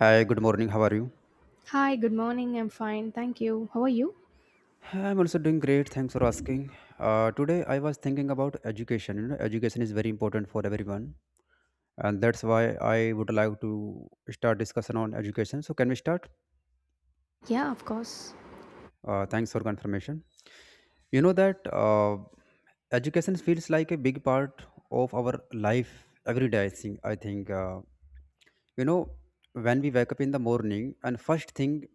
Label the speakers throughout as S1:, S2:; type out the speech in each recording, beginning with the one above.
S1: Hi, good morning. How are you?
S2: Hi, good morning. I'm fine. Thank you. How are you?
S1: I'm also doing great. Thanks for asking. Today, I was thinking about education. You know, education is very important for everyone, and that's why I would like to start discussion on education. So, can we start?
S2: Yeah, of course.
S1: Thanks for confirmation. You know that education feels like a big part of our life every day. I think. I think. You know, When we wake up in the morning, and first thing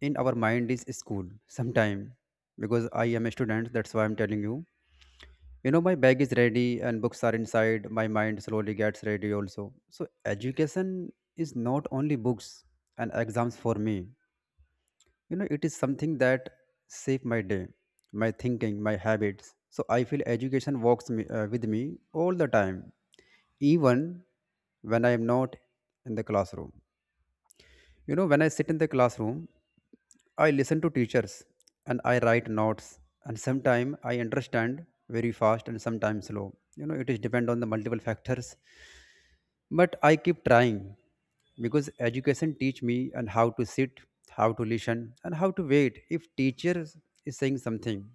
S1: in our mind is school. Sometime, because I am a student, that's why I'm telling you, you know, my bag is ready and books are inside my mind slowly gets ready also. So education is not only books and exams for me, you know, it is something that shape my day, my thinking, my habits. So I feel education walks with me all the time, even when I am not in the classroom. You know, when I sit in the classroom, I listen to teachers and I write notes, and sometimes I understand very fast and sometimes slow. You know, it is depend on the multiple factors. But I keep trying because education teach me and how to sit, how to listen, and how to wait if teacher is saying something.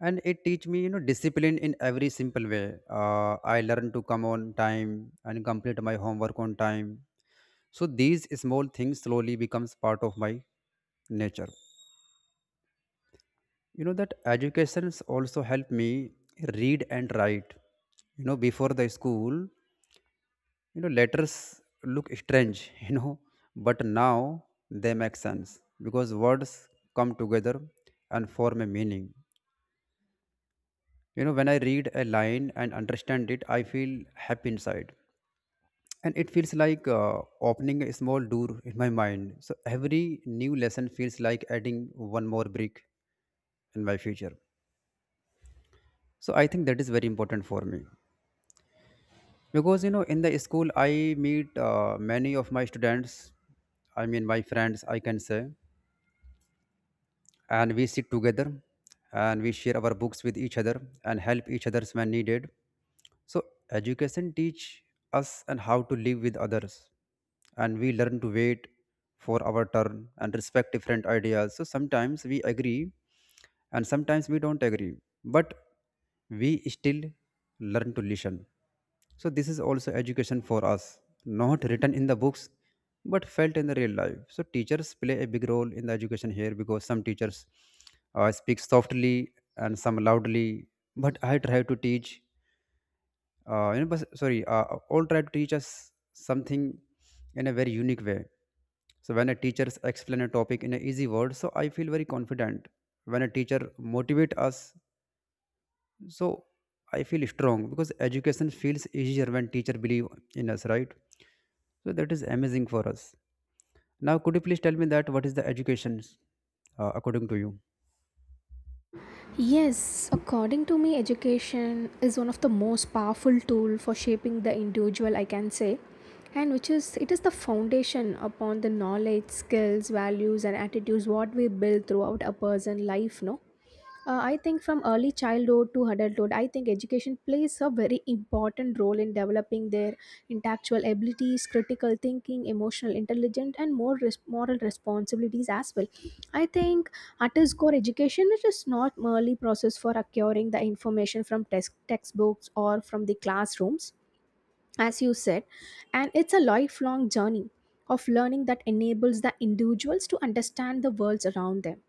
S1: And it teach me, you know, discipline in every simple way. I learn to come on time and complete my homework on time. So these small things slowly becomes part of my nature. You know that educations also helped me read and write. You know, before the school, you know, letters look strange. You know, but now they make sense, because words come together and form a meaning. You know, when I read a line and understand it, I feel happy inside, and it feels like opening a small door in my mind. So every new lesson feels like adding one more brick in my future. So I think that is very important for me, because you know, in the school I meet many of my friends, I can say. And we sit together and we share our books with each other and help each others when needed. So education teach us and how to live with others, and we learn to wait for our turn and respect different ideas. So sometimes we agree and sometimes we don't agree, but we still learn to listen. So this is also education for us, not written in the books, but felt in the real life. So teachers play a big role in the education here, because some teachers speak softly and some loudly. But I try to teach, you know, but, sorry, all try to teach us something in a very unique way. So when a teacher explain a topic in an easy word, so I feel very confident. When a teacher motivate us, so I feel strong because education feels easier when teacher believe in us, right? So that is amazing for us. Now, could you please tell me that what is the education according to you?
S2: Yes, according to me, education is one of the most powerful tool for shaping the individual, I can say, and which is it is the foundation upon the knowledge, skills, values, and attitudes what we build throughout a person's life, no? I think from early childhood to adulthood, I think education plays a very important role in developing their intellectual abilities, critical thinking, emotional intelligence, and moral responsibilities as well. I think at its core, education is just not merely process for acquiring the information from textbooks or from the classrooms, as you said, and it's a lifelong journey of learning that enables the individuals to understand the worlds around them,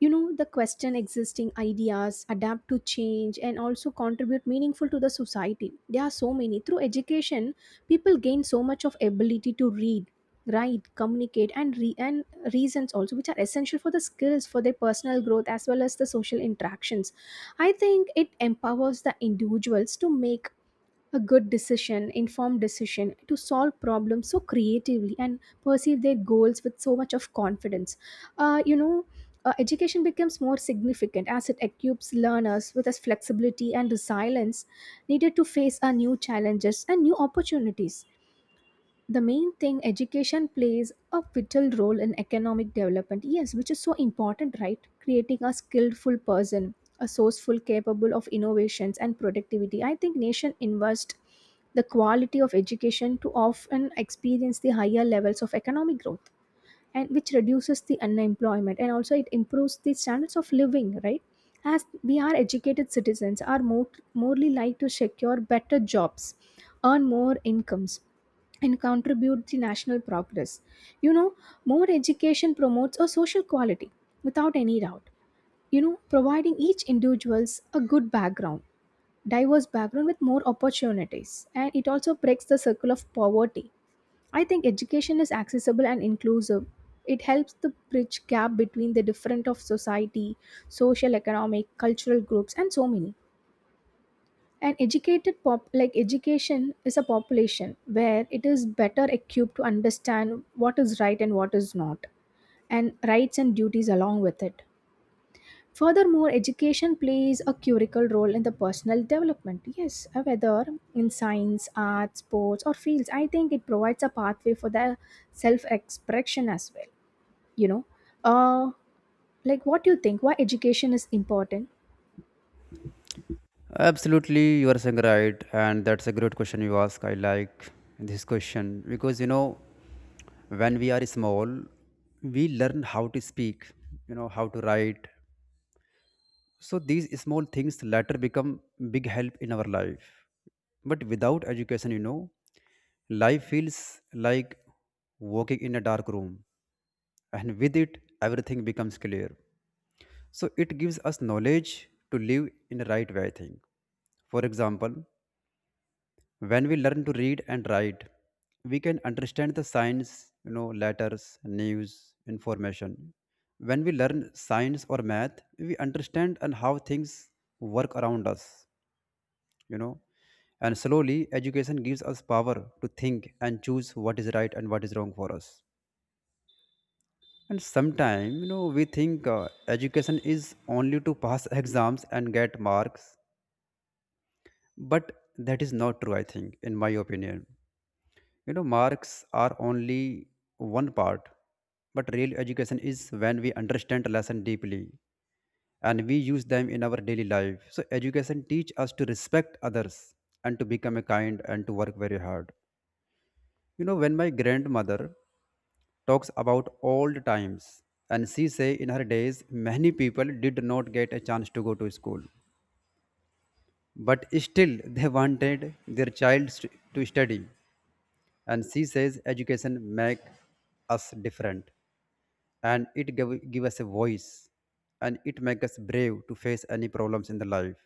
S2: you know, the question existing ideas, adapt to change, and also contribute meaningful to the society. There are so many. Through education, people gain so much of ability to read, write, communicate, and reasons also, which are essential for the skills for their personal growth as well as the social interactions. I think it empowers the individuals to make a good decision, informed decision, to solve problems so creatively and perceive their goals with so much of confidence. Uh, you know, education becomes more significant as it equips learners with a flexibility and resilience needed to face our new challenges and new opportunities. The main thing, education plays a vital role in economic development, yes, which is so important, right, creating a skillful person, a sourceful, capable of innovations and productivity. I think nation invest the quality of education to often experience the higher levels of economic growth, and which reduces the unemployment and also it improves the standards of living, right? As we are educated, citizens are more morely like to secure better jobs, earn more incomes, and contribute to national progress. You know, more education promotes a social quality without any doubt. You know, providing each individuals a good background, diverse background with more opportunities, and it also breaks the circle of poverty. I think education is accessible and inclusive. It helps to bridge gap between the different of society, social, economic, cultural groups, and so many. An educated pop like education is a population where it is better equipped to understand what is right and what is not, and rights and duties along with it. Furthermore, education plays a curical role in the personal development. Yes, whether in science, arts, sports, or fields, I think it provides a pathway for the self expression as well. You know, uh, like what do you think? Why education is important?
S1: Absolutely, you are saying right, and that's a great question you ask. I like this question because you know, when we are small, we learn how to speak, you know, how to write. So these small things later become big help in our life. But without education, you know, life feels like walking in a dark room, and with it, everything becomes clear. So it gives us knowledge to live in the right way, I think. For example, when we learn to read and write, we can understand the signs, you know, letters, news, information. When we learn science or math, we understand and how things work around us, you know. And slowly, education gives us power to think and choose what is right and what is wrong for us. And sometimes, you know, we think education is only to pass exams and get marks, but that is not true, I think, in my opinion. You know, marks are only one part, but real education is when we understand a lesson deeply and we use them in our daily life. So education teach us to respect others and to become a kind and to work very hard. You know, when my grandmother talks about old times, and she say in her days many people did not get a chance to go to school, but still they wanted their to study. And she says education make us different, and it give us a voice, and it make us brave to face any problems in the life.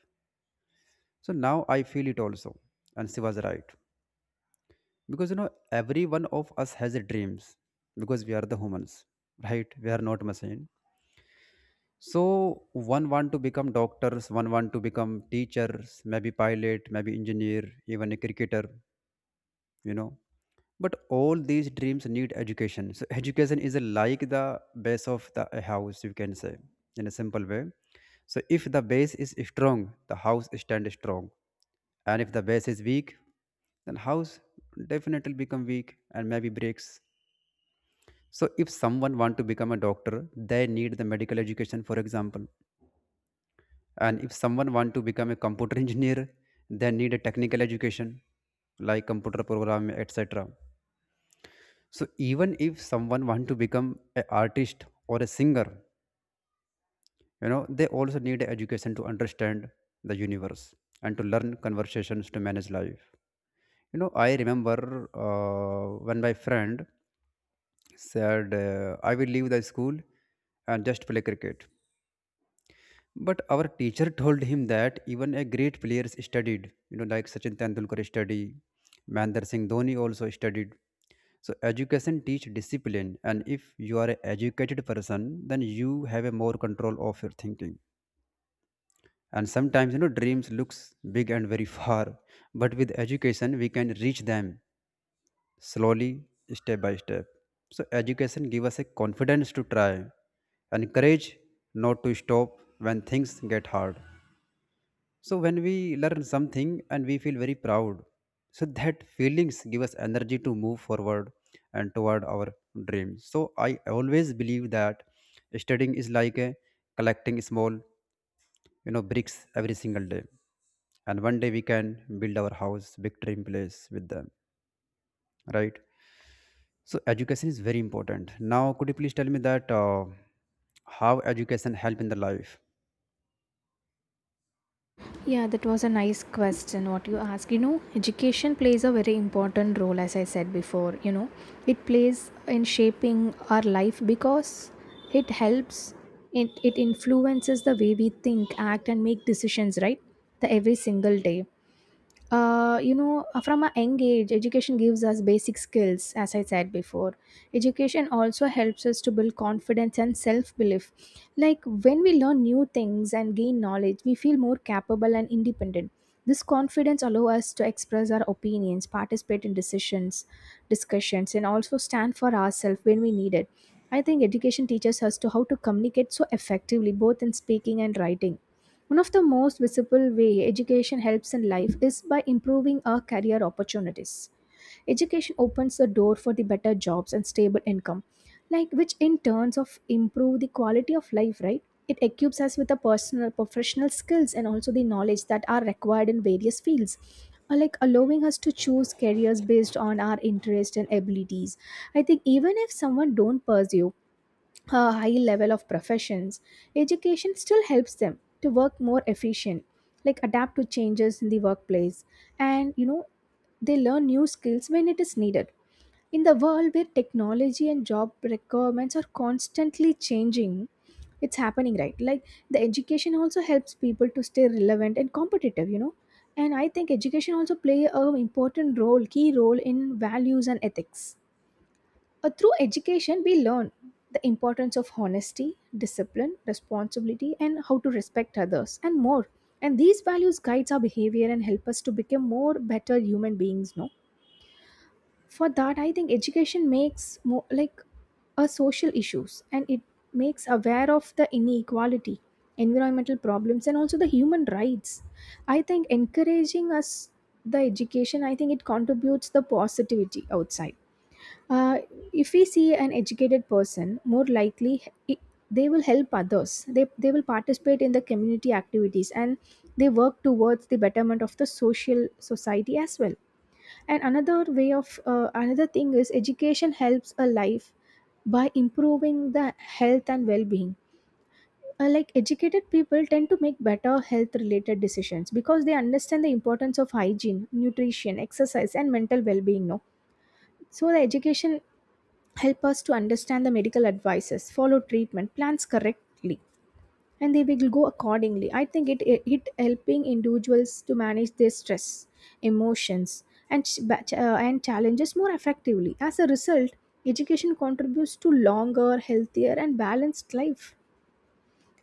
S1: So now I feel it also, and she was right. Because you know, every one of us has a dreams, because we are the humans, right? We are not machine. So one want to become doctors, one want to become teachers, maybe pilot, maybe engineer, even a cricketer, you know. But all these dreams need education. So education is like the base of the a house, you can say, in a simple way. So if the base is strong, the house stands strong, and if the base is weak, then house definitely become weak and maybe breaks. So if someone want to become a doctor, they need the medical education, for example. And if someone want to become a computer engineer, they need a technical education, like computer program, etc. So even if someone want to become an artist or a singer, you know, they also need a education to understand the universe and to learn conversations to manage life. You know, I remember when my friend said, I will leave the school and just play cricket. But our teacher told him that even a great players studied, you know, like Sachin Tendulkar studied, Mahendra Singh Dhoni also studied. So education teach discipline, and if you are an educated person, then you have a more control of your thinking. And sometimes you know dreams looks big and very far, but with education we can reach them slowly, step by step. So education give us a confidence to try, and courage not to stop when things get hard. So when we learn something and we feel very proud, so that feelings give us energy to move forward and toward our dreams. So I always believe that studying is like a collecting small, you know, bricks every single day, and one day we can build our house, big dream place with them, right? So education is very important. Now, could you please tell me that how education help in the life?
S2: Yeah, that was a nice question what you asked. You know, education plays a very important role, as I said before. You know, it plays in shaping our life because it helps, it influences the way we think, act, and make decisions, right? The every single day, from a young age, education gives us basic skills, as I said before. Education also helps us to build confidence and self-belief. Like, when we learn new things and gain knowledge, we feel more capable and independent. This confidence allows us to express our opinions, participate in decisions, discussions, and also stand for ourselves when we need it. I think education teaches us to how to communicate so effectively, both in speaking and writing. One of the most visible way education helps in life is by improving our career opportunities. Education opens the door for the better jobs and stable income, like which in turns of improve the quality of life, right? It equips us with the personal professional skills and also the knowledge that are required in various fields. Like allowing us to choose careers based on our interest and abilities. I think even if someone don't pursue a high level of professions, education still helps them to work more efficient, like adapt to changes in the workplace, and you know they learn new skills when it is needed. In the world where technology and job requirements are constantly changing, it's happening right. Like the education also helps people to stay relevant and competitive, you know. And I think education also play a important role, key role, in values and ethics. Through education, we learn the importance of honesty, discipline, responsibility, and how to respect others, and more. And these values guides our behavior and help us to become more better human beings. No, for that, I think education makes more like a social issues, and it makes aware of the inequality, environmental problems, and also the human rights. I think encouraging us, the education, I think it contributes the positivity outside. uh, if we see an educated person, more likely he- they will help others. They will participate in the community activities and they work towards the betterment of the social society as well. And another way of another thing is education helps a life by improving the health and well-being. Like, educated people tend to make better health-related decisions because they understand the importance of hygiene, nutrition, exercise, and mental well-being. No, so the education help us to understand the medical advices, follow treatment plans correctly, and they will go accordingly. I think it helping individuals to manage their stress, emotions, and challenges more effectively. As a result, education contributes to longer, healthier, and balanced life.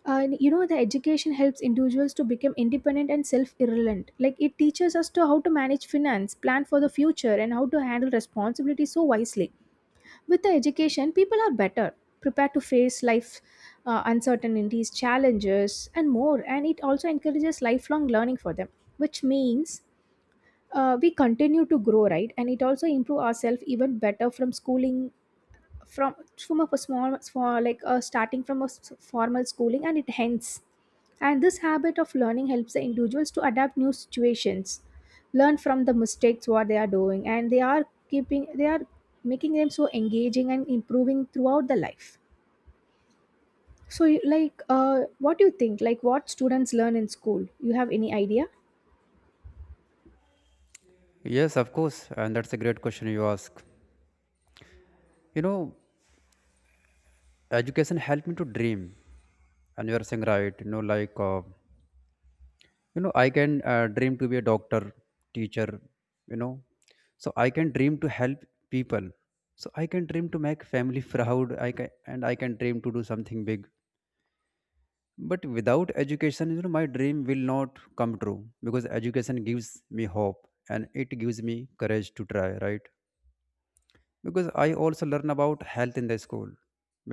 S2: And you know the education helps individuals to become independent and self-reliant, like it teaches us to how to manage finance, plan for the future, and how to handle responsibility so wisely. With the education, people are better prepared to face life uncertainties, challenges, and more. And it also encourages lifelong learning for them, which means we continue to grow, right? And it also improve ourselves even better from schooling, from from a small small like starting from a formal schooling, and it ends. And this habit of learning helps the individuals to adapt new situations, learn from the mistakes what they are doing, and they are making them so engaging and improving throughout the life. So what do you think, like, what students learn in school, you have any idea?
S1: Yes, of course, and that's a great question you ask. You know, education helped me to dream, and you are saying right. You know, like you know, I can dream to be a doctor, teacher, you know. So I can dream to help people, so I can dream to make family proud. I can, and I can dream to do something big. But without education, you know, my dream will not come true, because education gives me hope and it gives me courage to try, right? Because I also learn about health in the school,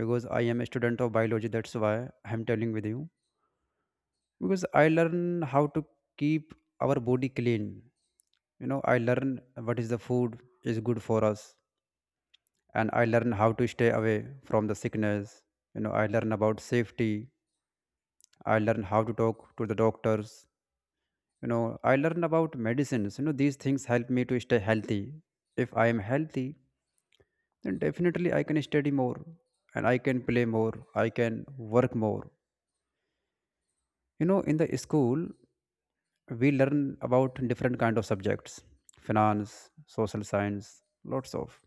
S1: because I am a student of biology, that's why I'm telling with you. Because I learn how to keep our body clean. You know, I learn what is the food is good for us, and I learn how to stay away from the sickness. You know, I learn about safety, I learn how to talk to the doctors. You know, I learn about medicines. You know, these things help me to stay healthy. If I am healthy, then definitely I can study more, and I can play more, I can work more. You know, in the school we learn about different kind of subjects, finance, social science, lots of.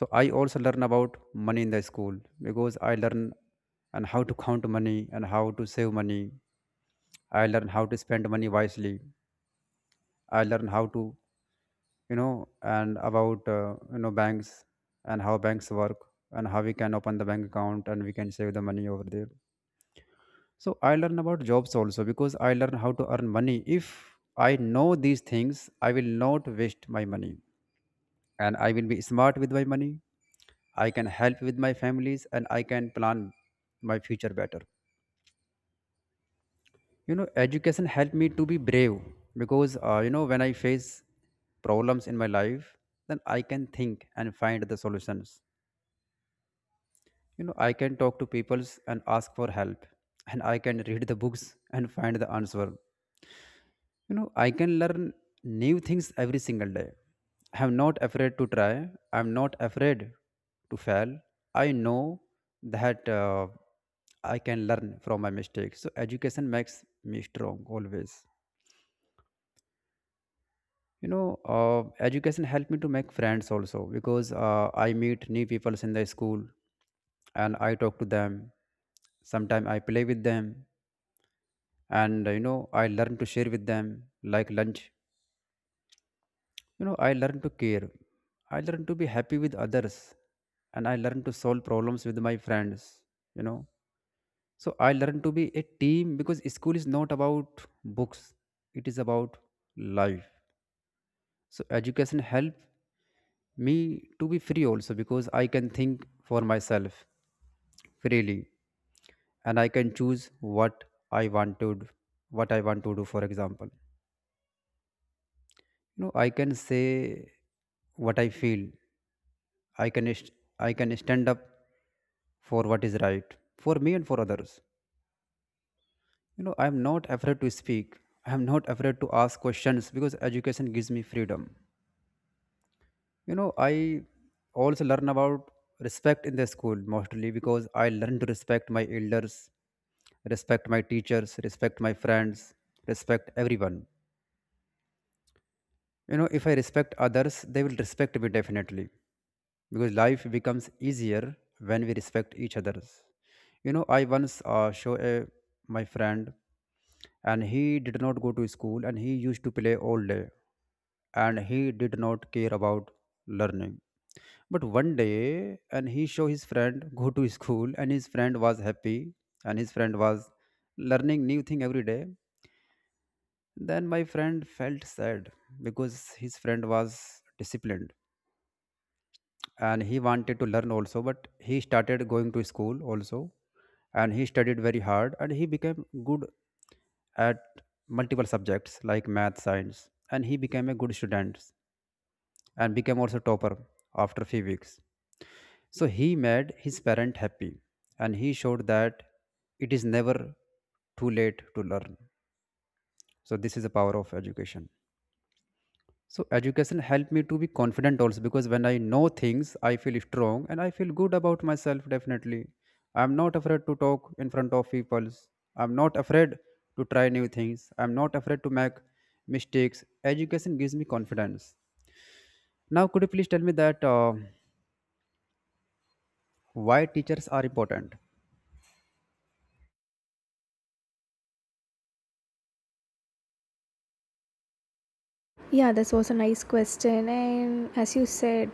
S1: So I also learn about money in the school, because I learn and how to count money and how to save money. I learn how to spend money wisely. I learn how to, you know, and about you know, banks, and how banks work and how we can open the bank account and we can save the money over there. So I learn about jobs also, because I learn how to earn money. If I know these things, I will not waste my money, and I will be smart with my money. I can help with my families and I can plan my future better. You know, education helped me to be brave because, you know, when I face problems in my life, then I can think and find the solutions. You know, I can talk to peoples and ask for help, and I can read the books and find the answer. I can learn new things every single day. I'm not afraid to try, I'm not afraid to fail. I know that I can learn from my mistakes. So education makes me strong always, you know. uh, Education helped me to make friends also because I meet new people in the school and I talk to them, sometimes I play with them. And I learn to share with them, like lunch. You know, I learned to care. I learned to be happy with others. And I learned to solve problems with my friends. You know, so I learned to be a team because school is not about books, it is about life. So education helped me to be free also because I can think for myself freely, and I can choose what I want to do, what I want to do. For example, you know, I can say what I feel. I can st- I can stand up for what is right for me and for others. You know, I am not afraid to speak. I am not afraid to ask questions because education gives me freedom. You know, I also learn about respect in the school mostly because I learn to respect my elders, respect my teachers, respect my friends, respect everyone. You know, if I respect others, they will respect me definitely because life becomes easier when we respect each others. You know, I once show a my friend, and he did not go to school and he used to play all day, and he did not care about learning. But one day, and he show his friend go to school, and his friend was happy, and his friend was learning new thing every day. Then my friend felt sad because his friend was disciplined and he wanted to learn also, but he started going to school also, and he studied very hard and he became good at multiple subjects like math, science, and he became a good student and became also topper after few weeks. So he made his parent happy and he showed that it is never too late to learn. So this is the power of education. So education helped me to be confident also because when I know things, I feel strong and I feel good about myself definitely. I'm not afraid to talk in front of people. I'm not afraid to try new things. I'm not afraid to make mistakes. Education gives me confidence. Now, could you please tell me that why teachers are important?
S2: Yeah, this was a nice question, and as you said,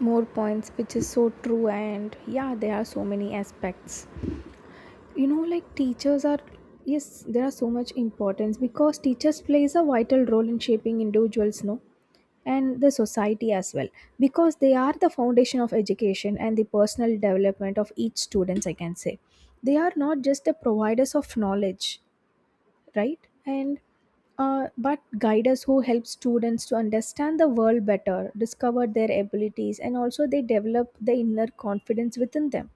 S2: more points which is so true. And yeah, there are so many aspects, you know, like, teachers are, yes, there are so much importance because teachers plays a vital role in shaping individuals, no, and the society as well, because they are the foundation of education and the personal development of each students, I can say. They are not just the providers of knowledge, right, and but guiders who help students to understand the world better, discover their abilities, and also they develop the inner confidence within them.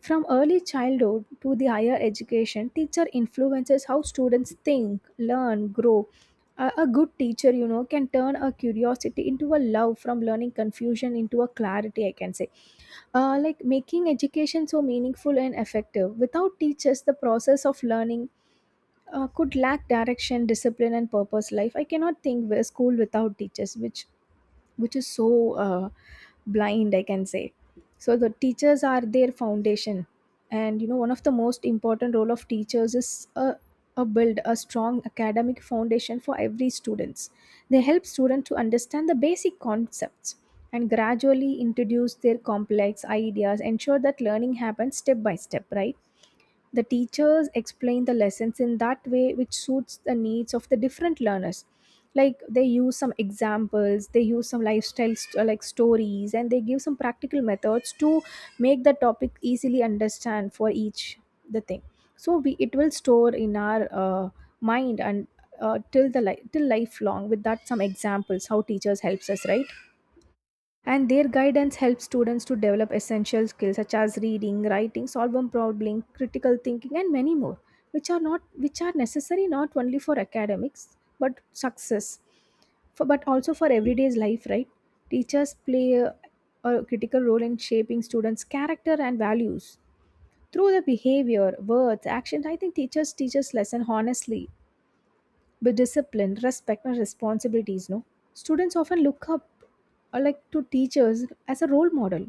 S2: From early childhood to the higher education, teacher influences how students think, learn, grow. A good teacher, you know, can turn a curiosity into a love from learning, confusion into a clarity, I can say. Like, making education so meaningful and effective. Without teachers, the process of learning could lack direction, discipline, and purpose. Life, I cannot think of a school without teachers, which is so uh, blind, I can say. So the teachers are their foundation. And you know, one of the most important role of teachers is a build a strong academic foundation for every students. They help students to understand the basic concepts and gradually introduce their complex ideas, ensure that learning happens step by step, right? The teachers explain the lessons in that way which suits the needs of the different learners. Like, they use some examples, they use some lifestyle like stories, and they give some practical methods to make the topic easily understand for each the thing. So we it will store in our mind and till the till lifelong, with that some examples how teachers helps us, right? And their guidance helps students to develop essential skills such as reading, writing, solving problem, critical thinking, and many more, which are not, which are necessary not only for academics but success for, but also for everyday's life, right? Teachers play a critical role in shaping students character and values. Through the behavior, words, actions, I think teachers teach us lesson honestly, but discipline, respect, and responsibilities, no? Students often look up like to teachers as a role model,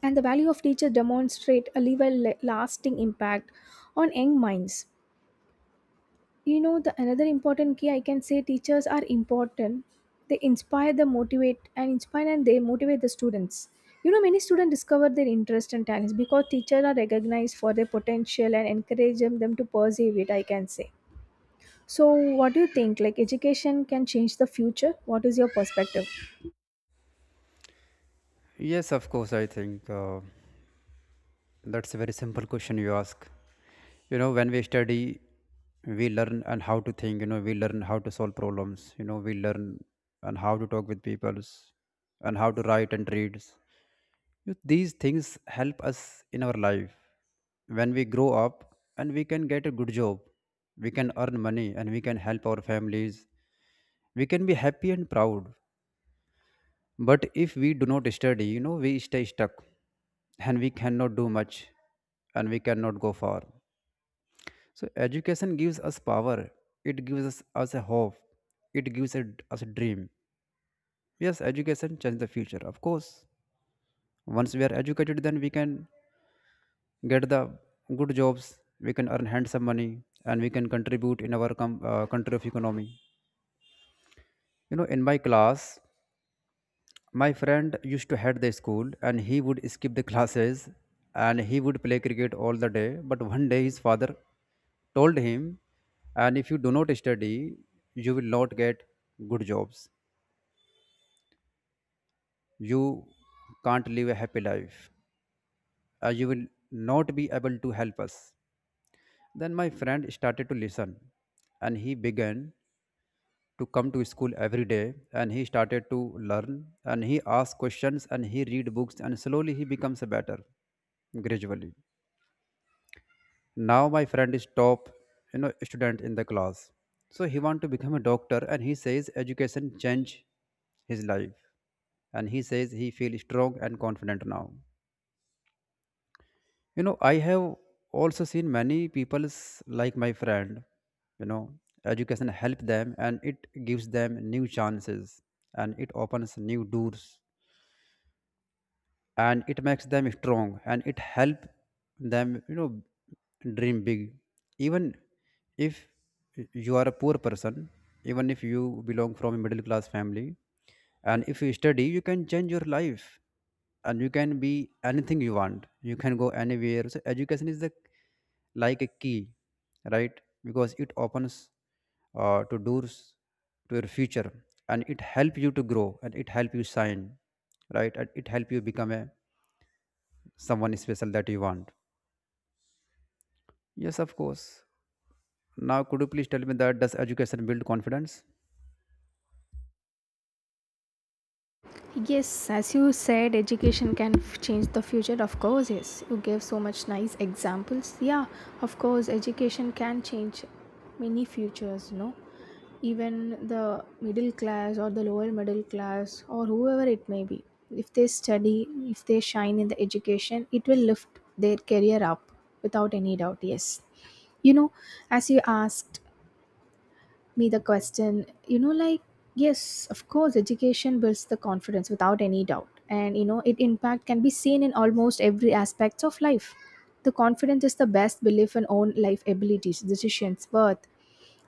S2: and the value of teachers demonstrate a lasting impact on young minds. You know, the another important key I can say teachers are important. They inspire, the motivate, and inspire and they motivate the students. You know, many students discover their interest and talents because teachers are recognized for their potential and encourage them to pursue it, I can say. So, what do you think? Like, education can change the future? What is your perspective?
S1: Yes, of course. I think that's a very simple question you ask. You know, when we study, we learn and how to think. You know, we learn how to solve problems. You know, we learn and how to talk with peoples, and how to write and read. These things help us in our life. When we grow up, and we can get a good job, we can earn money, and we can help our families. We can be happy and proud. But if we do not study, you know, we stay stuck and we cannot do much and we cannot go far. So, education gives us power, it gives us, us a hope, it gives a, us a dream. Yes, education changes the future, of course. Once we are educated, then we can get the good jobs, we can earn handsome money, and we can contribute in our country of economy. You know, in my class, my friend used to hate the school and he would skip the classes and he would play cricket all the day. But one day his father told him, and if you do not study, you will not get good jobs. You can't live a happy life. You will not be able to help us. Then my friend started to listen and he began to come to school every day, and he started to learn and he asked questions and he read books, and slowly he becomes better gradually. Now my friend is top, you know, student in the class. So he want to become a doctor and he says education change his life, and he says he feel strong and confident now. You know, I have also seen many people's like my friend, you know, education help them and it gives them new chances and it opens new doors and it makes them strong and it help them, you know, dream big. Even if you are a poor person, even if you belong from a middle class family, and if you study, you can change your life and you can be anything you want, you can go anywhere. So education is the like a key, right? Because it opens to doors to your future, and it help you to grow, and it help you shine, right? And it help you become a someone special that you want. Yes, of course. Now, could you please tell me that does education build confidence?
S2: Yes, as you said, education can change the future. Of course, yes. You gave so much nice examples. Yeah, of course, education can change many futures, you know. Even the middle class or the lower middle class or whoever it may be, if they study, if they shine in the education, it will lift their career up without any doubt. Yes. You know, as you asked me the question, you know, like, yes, of course, education builds the confidence without any doubt. And you know it impact can be seen in almost every aspect of life. The confidence is the best belief in own life abilities, decisions, worth.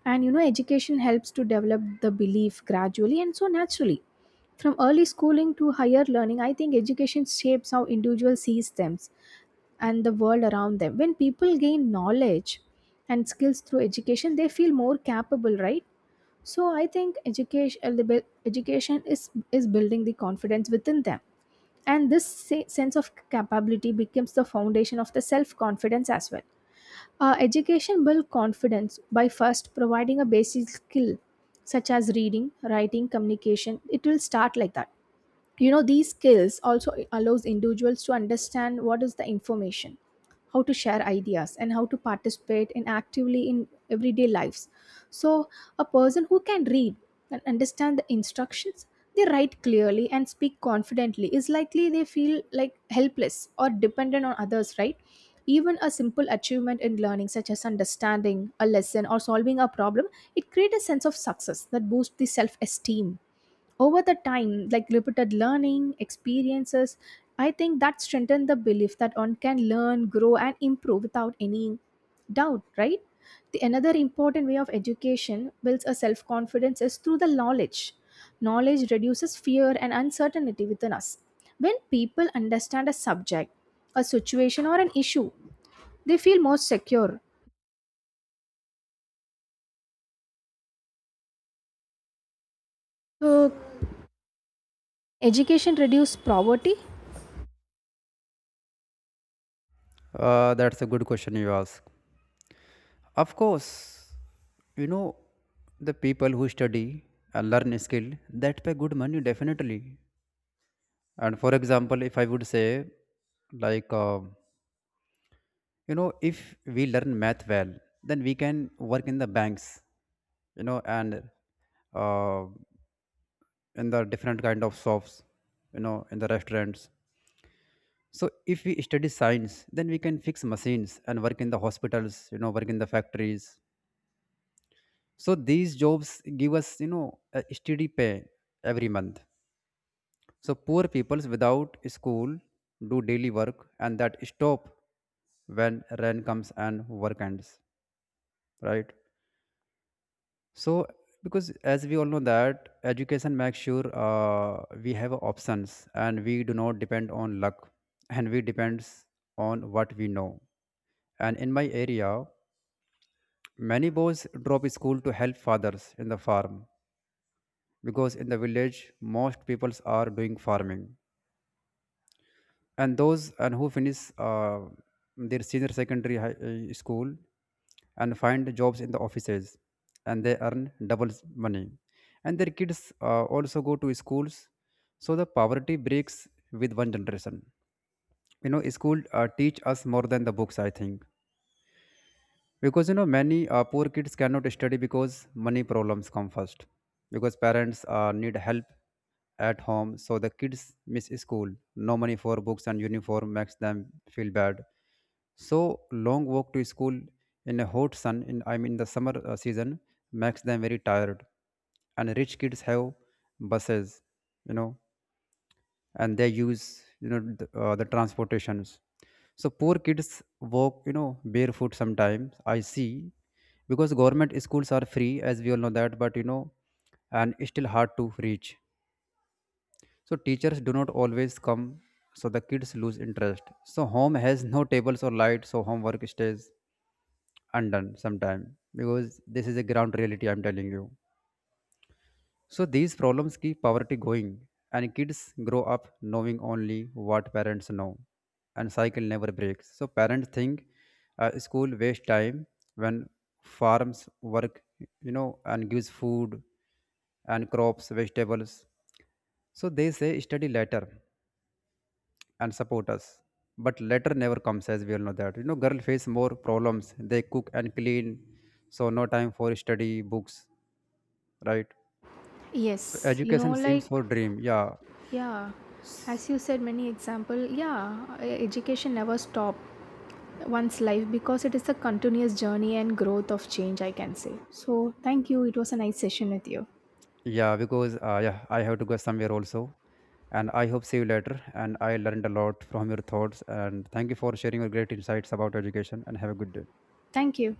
S2: And you know education helps to develop the belief gradually and so naturally. From early schooling to higher learning, I think education shapes how individual sees them and the world around them. When people gain knowledge and skills through education, they feel more capable, right? So I think education, education is building the confidence within them, and this sense of capability becomes the foundation of the self confidence as well. Education builds confidence by first providing a basic skill such as reading, writing, communication. It will start like that. You know, these skills also allows individuals to understand what is the information, how to share ideas, and how to participate in actively in everyday lives. So a person who can read and understand the instructions, they write clearly and speak confidently, is likely they feel like helpless or dependent on others, right? Even a simple achievement in learning, such as understanding a lesson or solving a problem, it creates a sense of success that boosts the self-esteem. Over the time, like repeated learning experiences, I think that strengthen the belief that one can learn, grow, and improve without any doubt, right? The another important way of education builds a self confidence is through the knowledge. Knowledge reduces fear and uncertainty within us. When people understand a subject, a situation, or an issue, they feel more secure. So education reduces poverty.
S1: That's a good question you ask. Of course, you know, the people who study and learn a skill that pay good money definitely. And for example, if I would say like. You know, if we learn math well, then we can work in the banks, you know, and uh, in the different kind of shops, you know, in the restaurants. So if we study science, then we can fix machines and work in the hospitals, you know, work in the factories. So these jobs give us, you know, a steady pay every month. So poor peoples without school do daily work and that stop when rain comes and work ends, right? So because as we all know that education makes sure we have options and we do not depend on luck, and we depends on what we know. And in my area, many boys drop school to help fathers in the farm because in the village most peoples are doing farming, and those and who finish their senior secondary high school and find jobs in the offices, and they earn double money, and their kids also go to schools. So the poverty breaks with one generation. You know, school teach us more than the books, I think, because you know, many poor kids cannot study because money problems come first, because parents need help at home, so the kids miss school. No money for books and uniform makes them feel bad. So long walk to school in a hot sun in I mean the summer season makes them very tired. And rich kids have buses, you know, and they use you know the transportations. So poor kids walk, you know, barefoot sometimes I see, because government schools are free as we all know that, but you know, and it's still hard to reach. So teachers do not always come, so the kids lose interest. So home has no tables or light, so homework stays undone sometime because this is a ground reality I'm telling you. So these problems keep poverty going, and kids grow up knowing only what parents know, and cycle never breaks. So parents think school waste time when farms work, you know, and gives food and crops, vegetables. So they say study later and support us. But later never comes as we all know that. You know, girl face more problems. They cook and clean, so no time for study books, right? So
S2: Yes, you know
S1: education
S2: like,
S1: seems for dream, yeah.
S2: yeah, as you said, many example. Yeah, education never stop one's life because it is a continuous journey and growth of change. I can say so. Thank you. It was a nice session with you.
S1: Yeah, because yeah, I have to go somewhere also, and I hope see you later. And I learned a lot from your thoughts, and thank you for sharing your great insights about education. And have a good day.
S2: Thank you.